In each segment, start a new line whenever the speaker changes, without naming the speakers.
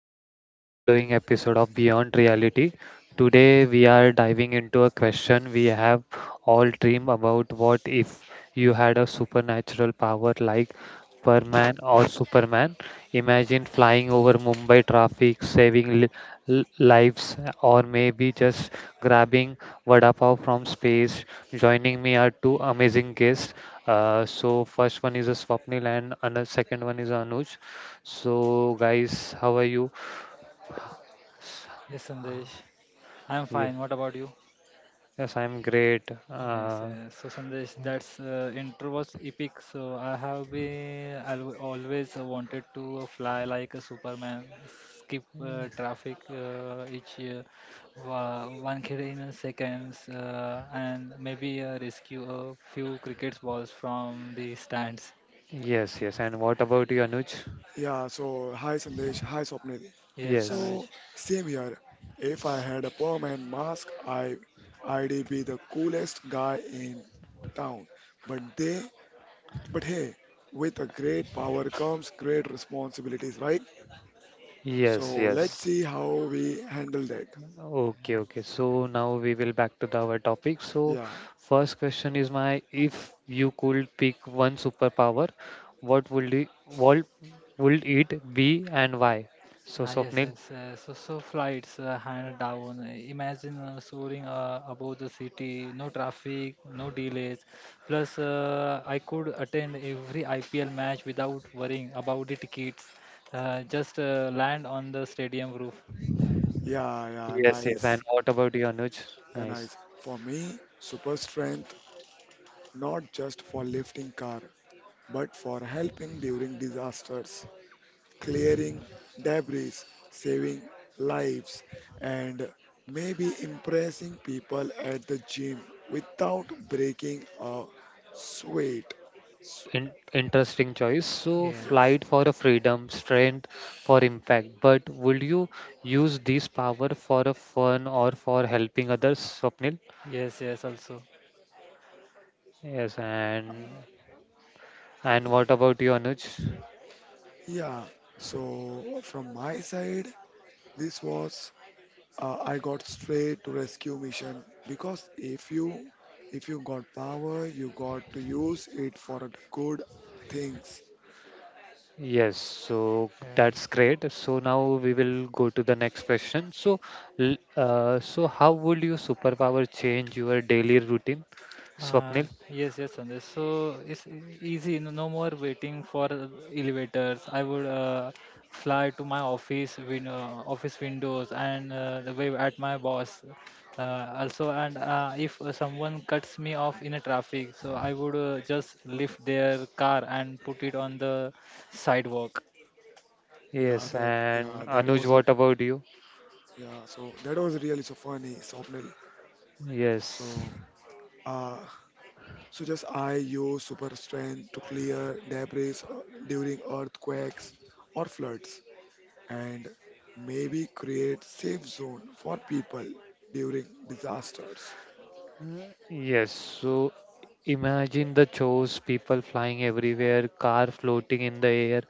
mind-blowing episode of Beyond Reality. Today we are diving into a question we have all dream about what if you had a supernatural power like Superman or Superman. Imagine flying over Mumbai traffic, saving lives or maybe just grabbing vada pav from space. Joining me are two amazing guests. So first one is a Swapnil and another second one is Anuj. So guys, how are you?
Yes, Sandesh. I'm
Ye-
fine. What about you?
Yes, I'm great.
Yes, yes. So, Sandesh, that's intro was epic. So, I have always wanted to fly like a Superman, skip traffic each year, one kid in a seconds, and maybe rescue a few cricket balls from the stands.
Yes, yes. And what about you, Anuj?
Yeah, so hi Sandesh, hi Swapnil.
Yes,
Yes,
Sandesh.
So same here. If I had a permanent mask, I'd be the coolest guy in town. But they, but hey, with a great power comes great responsibilities, right?
yes,
So
Yes.
let's
yes.
see how we handle that.
Okay, okay. So now we will back to the, our topic. So
Yeah,
first question is my if you could pick one superpower, what would it, what would it be and why? So
Ah, yes,
Swapnil.
yes. So flights hand down. Imagine soaring above the city, no traffic, no delays. Plus, I could attend every IPL match without worrying about the tickets. Just land on the stadium roof.
yeah, yeah,
Yes, yes. And
nice.
what about you, Anuj?
Yeah,
Nice.
nice. For me, super strength, not just for lifting car, but for helping during disasters, clearing debris, saving lives, and maybe impressing people at the gym without breaking a sweat. So,
In interesting choice. So,
yeah,
Yes,
flight for a freedom, strength for impact. But would you use this power for a fun or for helping others, Swapnil?
yes. Also,
Yes. And what about you, Anuj?
yeah. So from my side, this was I got straight to rescue mission because if you got power, you got to use it for a good things.
Yes. So that's
yes.
great. So now we will go to the next question. So, so how would your superpower change your daily routine,
Uh,
Swapnil?
yes, Sandesh. So it's easy. No more waiting for elevators. I would fly to my office windows and wave at my boss. Uh, also, and if someone cuts me off in a traffic, so I would just lift their car and put it on the sidewalk.
Yeah,
Yes.
that
And
yeah that
Anuj,
was
what about you?
yeah. So that was really so funny, Swapnil.
Yes.
So, uh, so just I use super strength to clear debris during earthquakes or floods, and maybe create safe zone for people during disasters.
Yes. So imagine the chores, people flying everywhere, car floating in the air.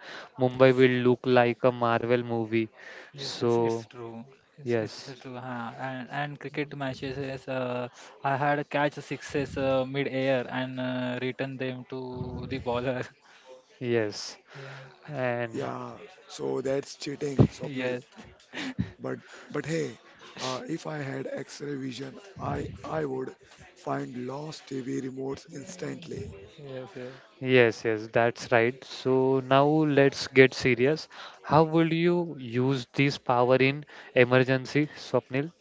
Mm.
Mumbai will look like a Marvel movie.
Yes, it's
So,
true. It's
yes,
true. Huh? And cricket matches is I had a catch sixes mid air and return them to the bowler.
yes.
Yeah.
And
Yeah, so that's cheating, Swapnil.
Yes.
But but hey, if I had X-ray vision, I would find lost TV remotes instantly.
Yes. Yes.
yes, yes, that's right. So now let's get serious. How will you use this power in emergency, Swapnil?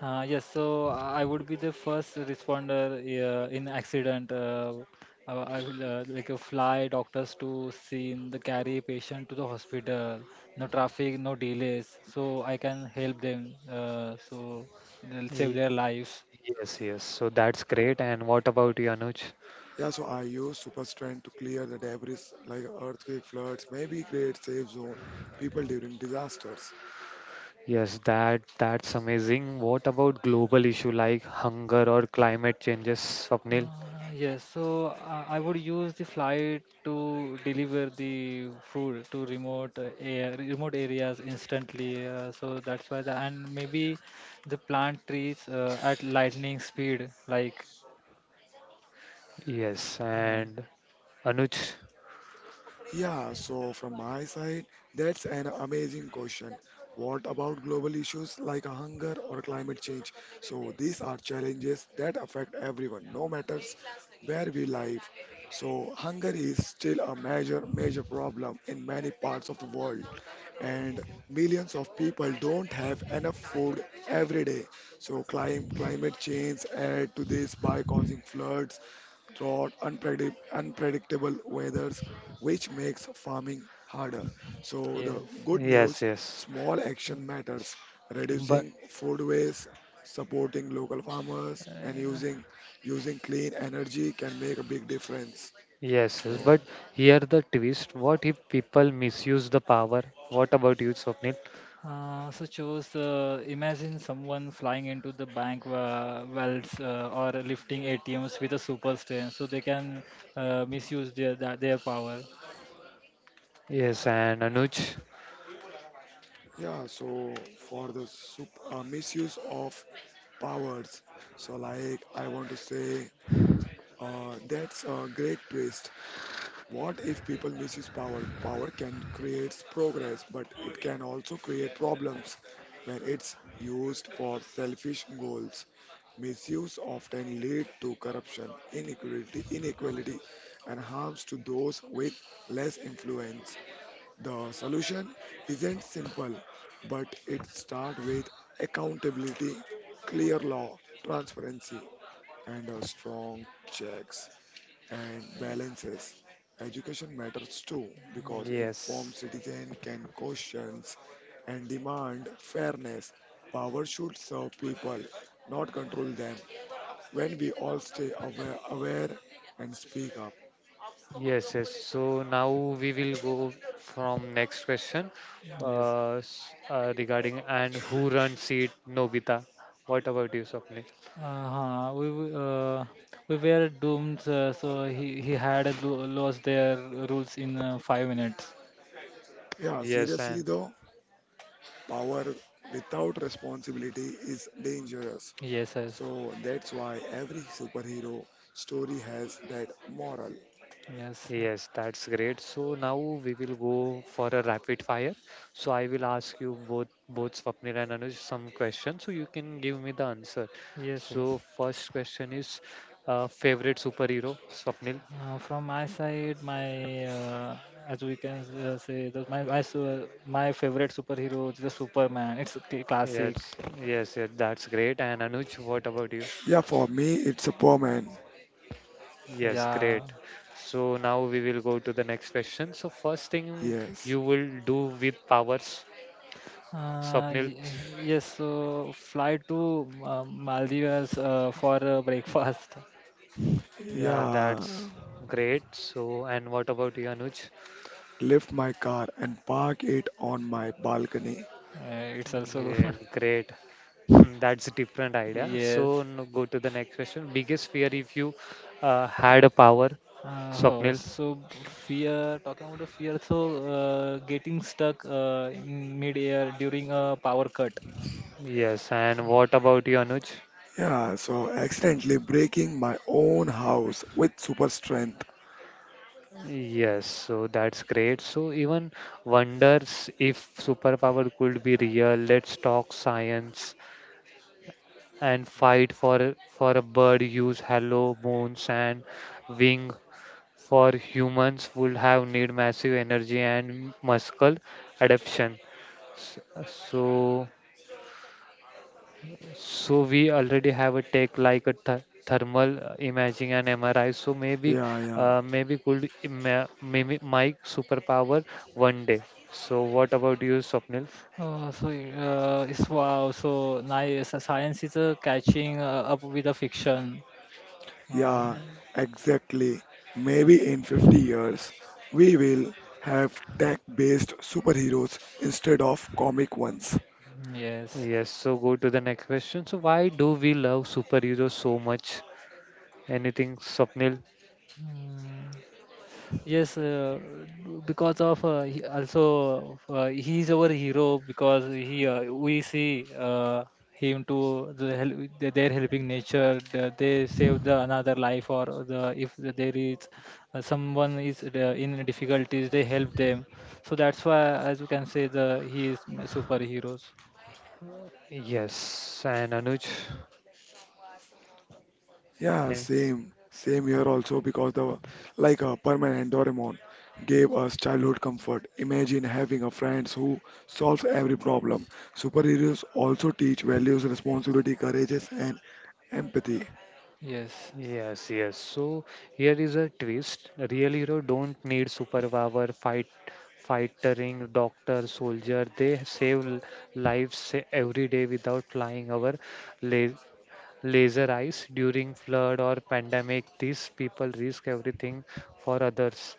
Yes. So I would be the first responder in accident. I will fly doctors to scene, the carry patient to the hospital. No traffic, no delays, so I can help them. So they'll save
Ye-
their lives.
Yes, yes. So that's great. And what about you, Anuj?
Yeah, so I use super strength to clear the debris like earthquake, floods, maybe create safe zone people during disasters.
Yes, that's amazing. What about global issue like hunger or climate changes, Swapnil?
Yes, so I would use the flight to deliver the food to remote areas instantly. So that's why the and maybe the plant trees at lightning speed, like
Yes,
yeah,
and Anuj.
Yeah, so from my side, that's an amazing question. What about global issues like hunger or climate change? So these are challenges that affect everyone, no matters where we live. So hunger is still a major problem in many parts of the world, and millions of people don't have enough food every day. So climate change add to this by causing floods throughout unpredictable weathers, which makes farming harder. So the
yes.
good
Yes,
news,
yes.
small action matters,
But
reducing food waste, supporting local farmers, and using clean energy can make a big difference.
yes,
So
yes. But
yes.
here the twist. What if people misuse the power? What about you, Swapnil?
So chose imagine someone flying into the bank vaults or lifting ATMs with a super strength, so they can misuse their power.
Yes, and Anuj.
yeah, so for the misuse of powers, so like I want to say that's a great twist. What if people misuse power? Power can create progress, but it can also create problems when it's used for selfish goals. Misuse often lead to corruption, inequality, and harms to those with less influence. The solution isn't simple, but it starts with accountability, clear law, transparency, and a strong checks and balances. Education matters too because informed
Yes.
citizen can question and demand fairness. Power should serve people, not control them. When we all stay aware and speak up.
Yes, yes. So now we will go from next question
Yes.
regarding and who runs it, Nobita. What about you, Swapnil?
Uh-huh. We w- uh, we were doomed. So he had a lo lost their rules in five minutes.
Yeah,
Yes,
seriously
and
though, power without responsibility is dangerous.
Yes, yes,
So that's why every superhero story has that moral.
yes,
yes, that's great. So now we will go for a rapid fire. So I will ask you both both Swapnil and Anuj some questions so you can give me the answer.
yes,
So
yes.
first question is favorite superhero, Swapnil?
From my side, my as we can say that my favorite superhero is the Superman. It's a classic.
Yes, yes, yes, that's great. And Anuj, what about you?
Yeah, for me, it's a Superman.
Yes,
Yeah.
great. So now we will go to the next question. So first thing
Yes.
you will do with powers,
Uh,
Swapnil?
y- yes. So fly to Maldives for breakfast.
Yeah, that's
Yeah,
great. So and what about you, Anuj?
lift my car and park it on my balcony.
It's also
Yeah,
good.
great. That's a different idea.
Yes.
So now go to the next question. Biggest fear if you had a power, Swapnil?
So fear, talking about the fear, so getting stuck in mid-air during a power cut.
Yes. And what about you, Anuj?
Yeah, so accidentally breaking my own house with super strength.
Yes. So that's great. So even wonders if superpower could be real. Let's talk science and fight for a bird. Use hollow bones and wing. For humans, would have need massive energy and muscle adaptation. S- So, so we already have a tech like a th thermal imaging and MRI. So maybe,
Yeah, yeah,
uh, maybe could ima- maybe my superpower one day. So what about you, Swapnil?
So it's wow, so nice. Science is catching up with the fiction. Uh,
yeah, exactly. Maybe in 50 years, we will have tech-based superheroes instead of comic ones.
yes.
Yes. So go to the next question. So why do we love superheroes so much? Anything, Swapnil?
Mm. Yes, because of he is our hero because he we see him to the they're helping nature. They save the another life or the if there is someone is in difficulties, they help them. So that's why, as you can say, the he is my superheroes.
Yes. And Anuj?
Yeah, same here also because the like a permanent Doraemon gave us childhood comfort. Imagine having a friends who solves every problem. Superheroes also teach values, responsibility, courageous, and empathy.
Yes.
Yes, yes. So here is a twist. A real hero don't need superpower, fighting, doctor, soldier. They save lives every day without flying our la laser eyes during flood or pandemic these people risk everything for others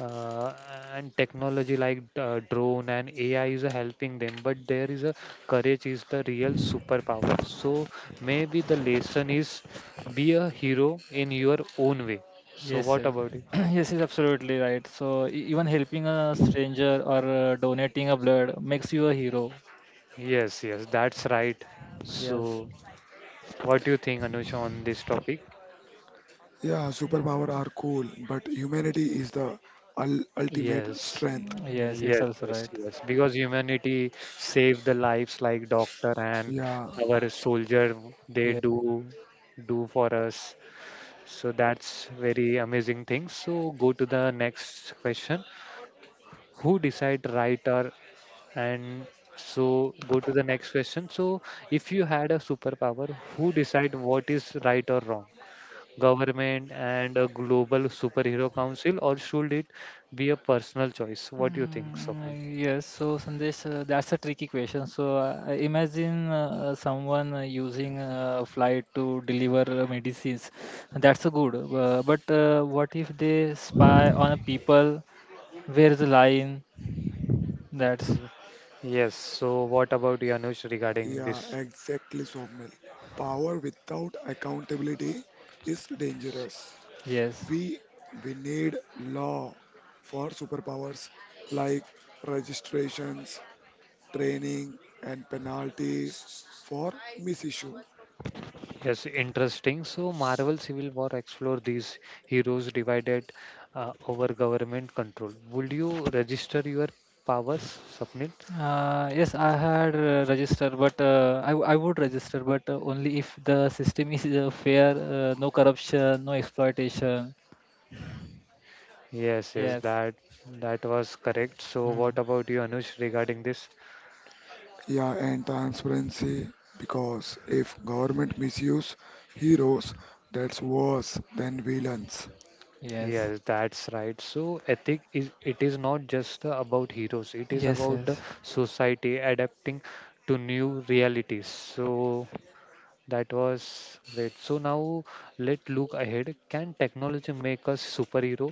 uh, and technology like drone and ai is helping them but there is a courage is the real superpower so maybe the lesson is be a hero in your own way so
Yes,
what
sir.
about it
Yes, is absolutely right. So even helping a stranger or donating a blood makes you a hero.
yes yes that's right so
Yes.
what do you think anush on this topic
Yeah, superpower are cool, but humanity is the ul ultimate
Yes,
strength.
Yes,
yes,
it's also
yes,
right.
yes. Because humanity saved the lives like doctor and
Yeah,
our soldier, they
Yeah.
do for us. So that's very amazing thing. So go to the next question. Who decide right or and so go to the next question. So if you had a superpower, who decide what is right or wrong? Government and a global superhero council, or should it be a personal choice? What do you think, so?
Yes. So Sandesh, that's a tricky question. So I imagine someone using a flight to deliver medicines. That's a good. But what if they spy on people? Where's the line? That's
Yes, so what about you, Anush, regarding
yeah,
this?
exactly, Swapnil. Power without accountability is dangerous.
yes.
We we need law for superpowers like registrations, training, and penalties for misissue.
Yes, interesting. So Marvel Civil War explore these heroes divided over government control. Would you register your powers, Sapnil?
Yes, I had registered, but I would register, but only if the system is fair, no corruption, no exploitation.
Yes, yes,
Yes.
that was correct. So what
Hmm.
about you, Anush, regarding this?
Yeah, and transparency because if government misuse heroes, that's worse than villains.
Yes,
Yes, that's right. So ethic is it is not just about heroes. It is
yes,
about the
yes,
society adapting to new realities. So that was great. So now let's look ahead. Can technology make us superhero?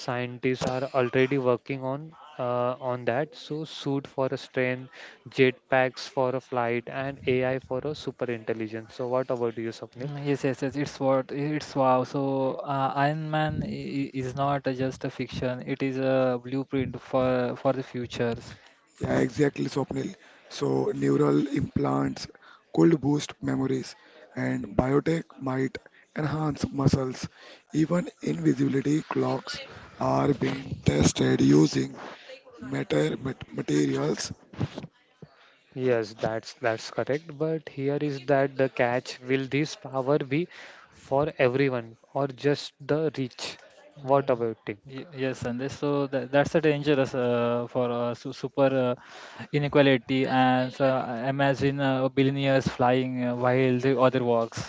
Scientists are already working on that. So suit for a strength, jetpacks for a flight, and AI for a super intelligence. So what about you, Swapnil?
yes. It's what it's wow. So Iron Man is not just a fiction; it is a blueprint for the futures.
Yeah, exactly, Swapnil. So, neural implants could boost memories, and biotech might enhance muscles. Even invisibility clocks are being tested using materials.
Yes, that's correct. But here is that the catch. Will this power be for everyone or just the rich? What
Mm,
about it?
Yes, and that's a dangerous for su super inequality and so imagine billionaires flying while the other works.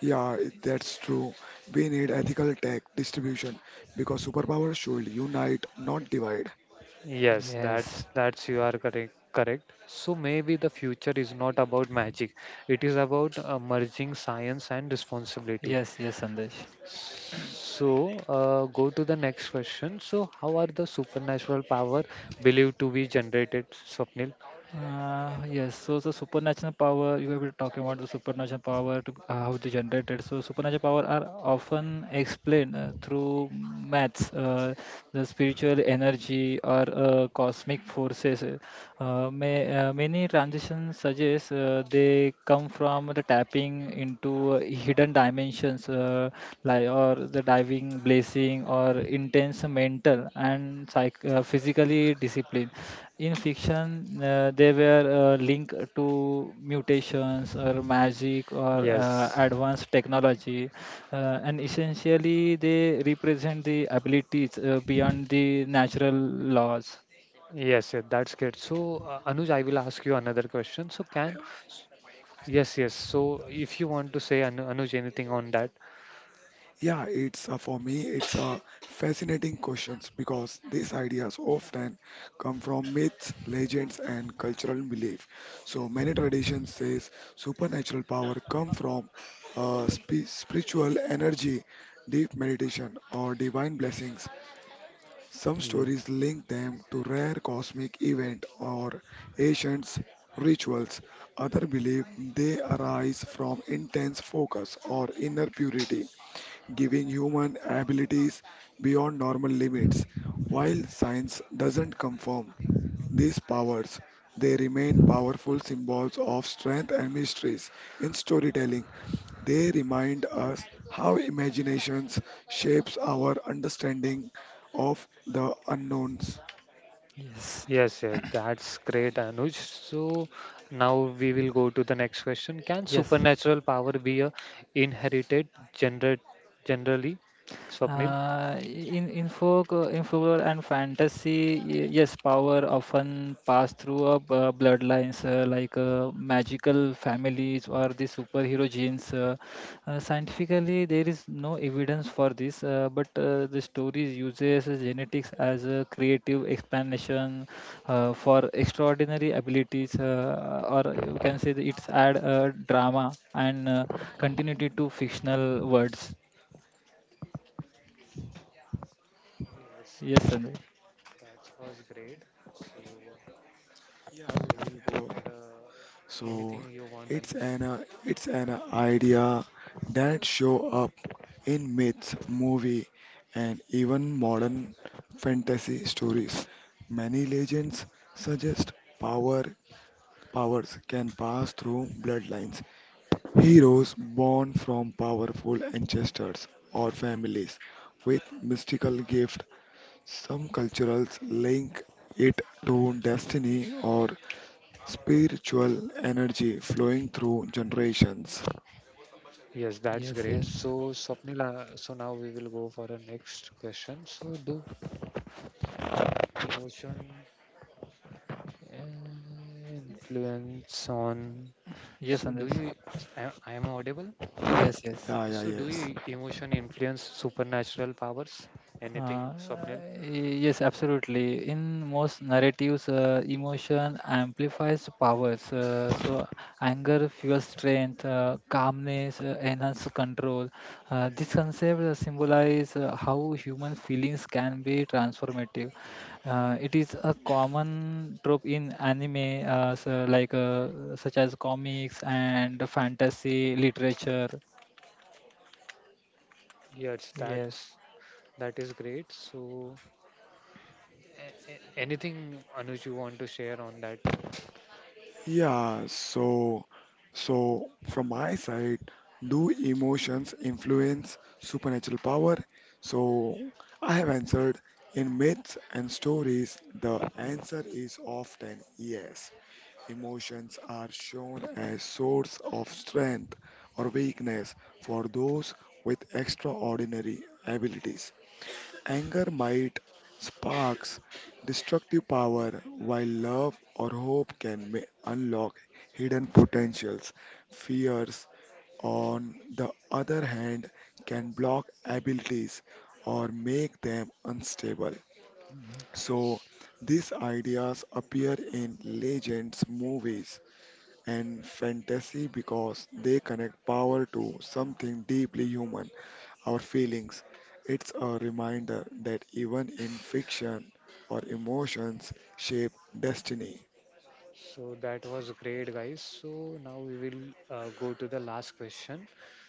Yeah, that's true. We need ethical tech distribution because superpowers should unite, not divide.
Yes,
Yes,
that's you are correct. So maybe the future is not about magic. It is about merging science and responsibility.
yes, Sandesh.
So go to the next question. So how are the supernatural power believed to be generated, Swapnil?
Yes, so the supernatural power, you were talking about the supernatural power, to, how they generated. So supernatural power are often explained through maths, the spiritual energy or cosmic forces. Many transitions suggest they come from the tapping into hidden dimensions like or the diving, blazing, or intense mental and psych physically discipline. In fiction, they were linked to mutations or magic or
Yes.
advanced technology, and essentially they represent the abilities beyond the natural laws.
Yes, yes, that's good. So, Anuj, I will ask you another question. So, can yes, yes. So, if you want to say Anuj anything on that,
Yeah, it's for me, it's a fascinating questions because these ideas often come from myths, legends, and cultural belief. So many traditions says supernatural power come from spiritual energy, deep meditation, or divine blessings. Some stories link them to rare cosmic event or ancient rituals. Other believe they arise from intense focus or inner purity giving human abilities beyond normal limits. While science doesn't confirm these powers, they remain powerful symbols of strength and mysteries. In storytelling, they remind us how imaginations shapes our understanding of the unknowns.
Yes.
yes, yes, that's great, Anuj. So now we will go to the next question. Can
Yes.
supernatural power be a inherited gener generally, Swapnil?
In folklore and fantasy, yes, power often pass through bloodlines like magical families or the superhero genes. Scientifically, there is no evidence for this, but the stories uses genetics as a creative explanation for extraordinary abilities, or you can say that it's add drama and continuity to fictional words.
Yes,
Yes, Sandeep.
that was great. So
Yeah,
now we will
yeah,
go
so,
for
so
anything you want, Anuj.
it's an idea that show up in myths, movie, and even modern fantasy stories. Many legends suggest power powers can pass through bloodlines. Heroes born from powerful ancestors or families with mystical gifts. Some cultures link it to destiny or spiritual energy flowing through generations.
Yes, that's
Yes,
great.
yes,
So Swapnil, so now we will go for the next question. So do emotion uh, influence on?
yes,
So do
Sandesh.
you? I am audible?
Yes.
Yeah,
Okay,
yeah,
so do
yes.
you emotion influence supernatural powers? Anything,
Uh,
Swapnil?
yes, absolutely. In most narratives, emotion amplifies powers. So, anger fuels strength, calmness enhances control. This concept symbolizes how human feelings can be transformative. It is a common trope in anime, such as comics and fantasy literature.
Yes,
Yes.
that is great. So, anything Anuj you want to share on that?
Yeah, so from my side, do emotions influence supernatural power? So I have answered in myths and stories, the answer is often yes. Emotions are shown as source of strength or weakness for those with extraordinary abilities. Anger might sparks destructive power, while love or hope can may unlock hidden potentials. Fears, on the other hand, can block abilities or make them unstable. So, these ideas appear in legends, movies, and fantasy because they connect power to something deeply human our feelings. It's a reminder that even in fiction, our emotions shape destiny.
So that was great, guys. So now we will go to the last question.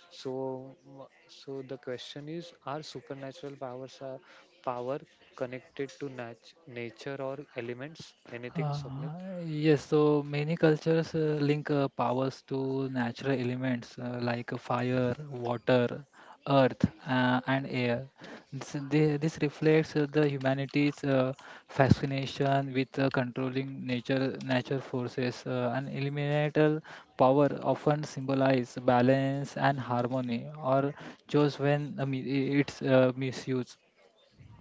So, so the question is: are supernatural powers a power connected to nature or elements? Anything, Swapnil?
Uh, yes, so many cultures link powers to natural elements like fire, water, earth, and air. This reflects the humanity's fascination with controlling nature forces. And elemental power often symbolize balance and harmony, or just when it's misused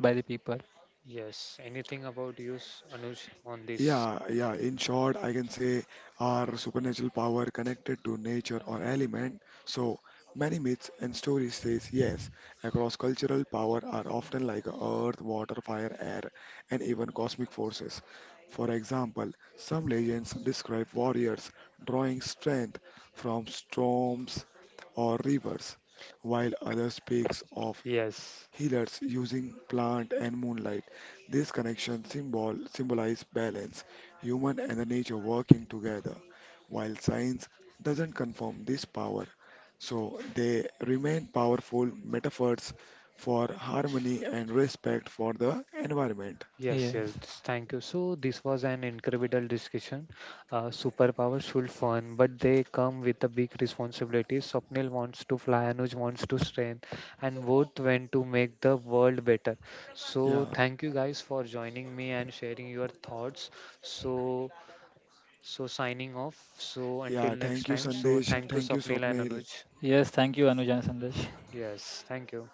by the people.
Yes. Anything about you, Anuj, on this?
Yeah, yeah. In short, I can say our supernatural power connected to nature or element. So many myths and stories says yes. Across cultural power are often like earth, water, fire, air, and even cosmic forces. For example, some legends describe warriors drawing strength from storms or rivers, while others speaks of
Yes.
healers using plant and moonlight. This connection symbolizes balance, human and the nature working together. While science doesn't confirm this power, so they remain powerful metaphors for harmony and respect for the environment.
Yes, yes,
Yes.
thank you. So this was an incredible discussion. Superpowers should fun, but they come with a big responsibility. Swapnil wants to fly, Anuj wants to strength, and both went to make the world better. So
Yeah,
thank you guys for joining me and sharing your thoughts. So so signing off. So until
yeah.
next
Thank you,
time. So
Sandesh.
thank you,
Thank you,
Swapnil and
Swapnil.
Anuj.
Yes, thank you, Anuj and Sandesh.
Yes, thank you.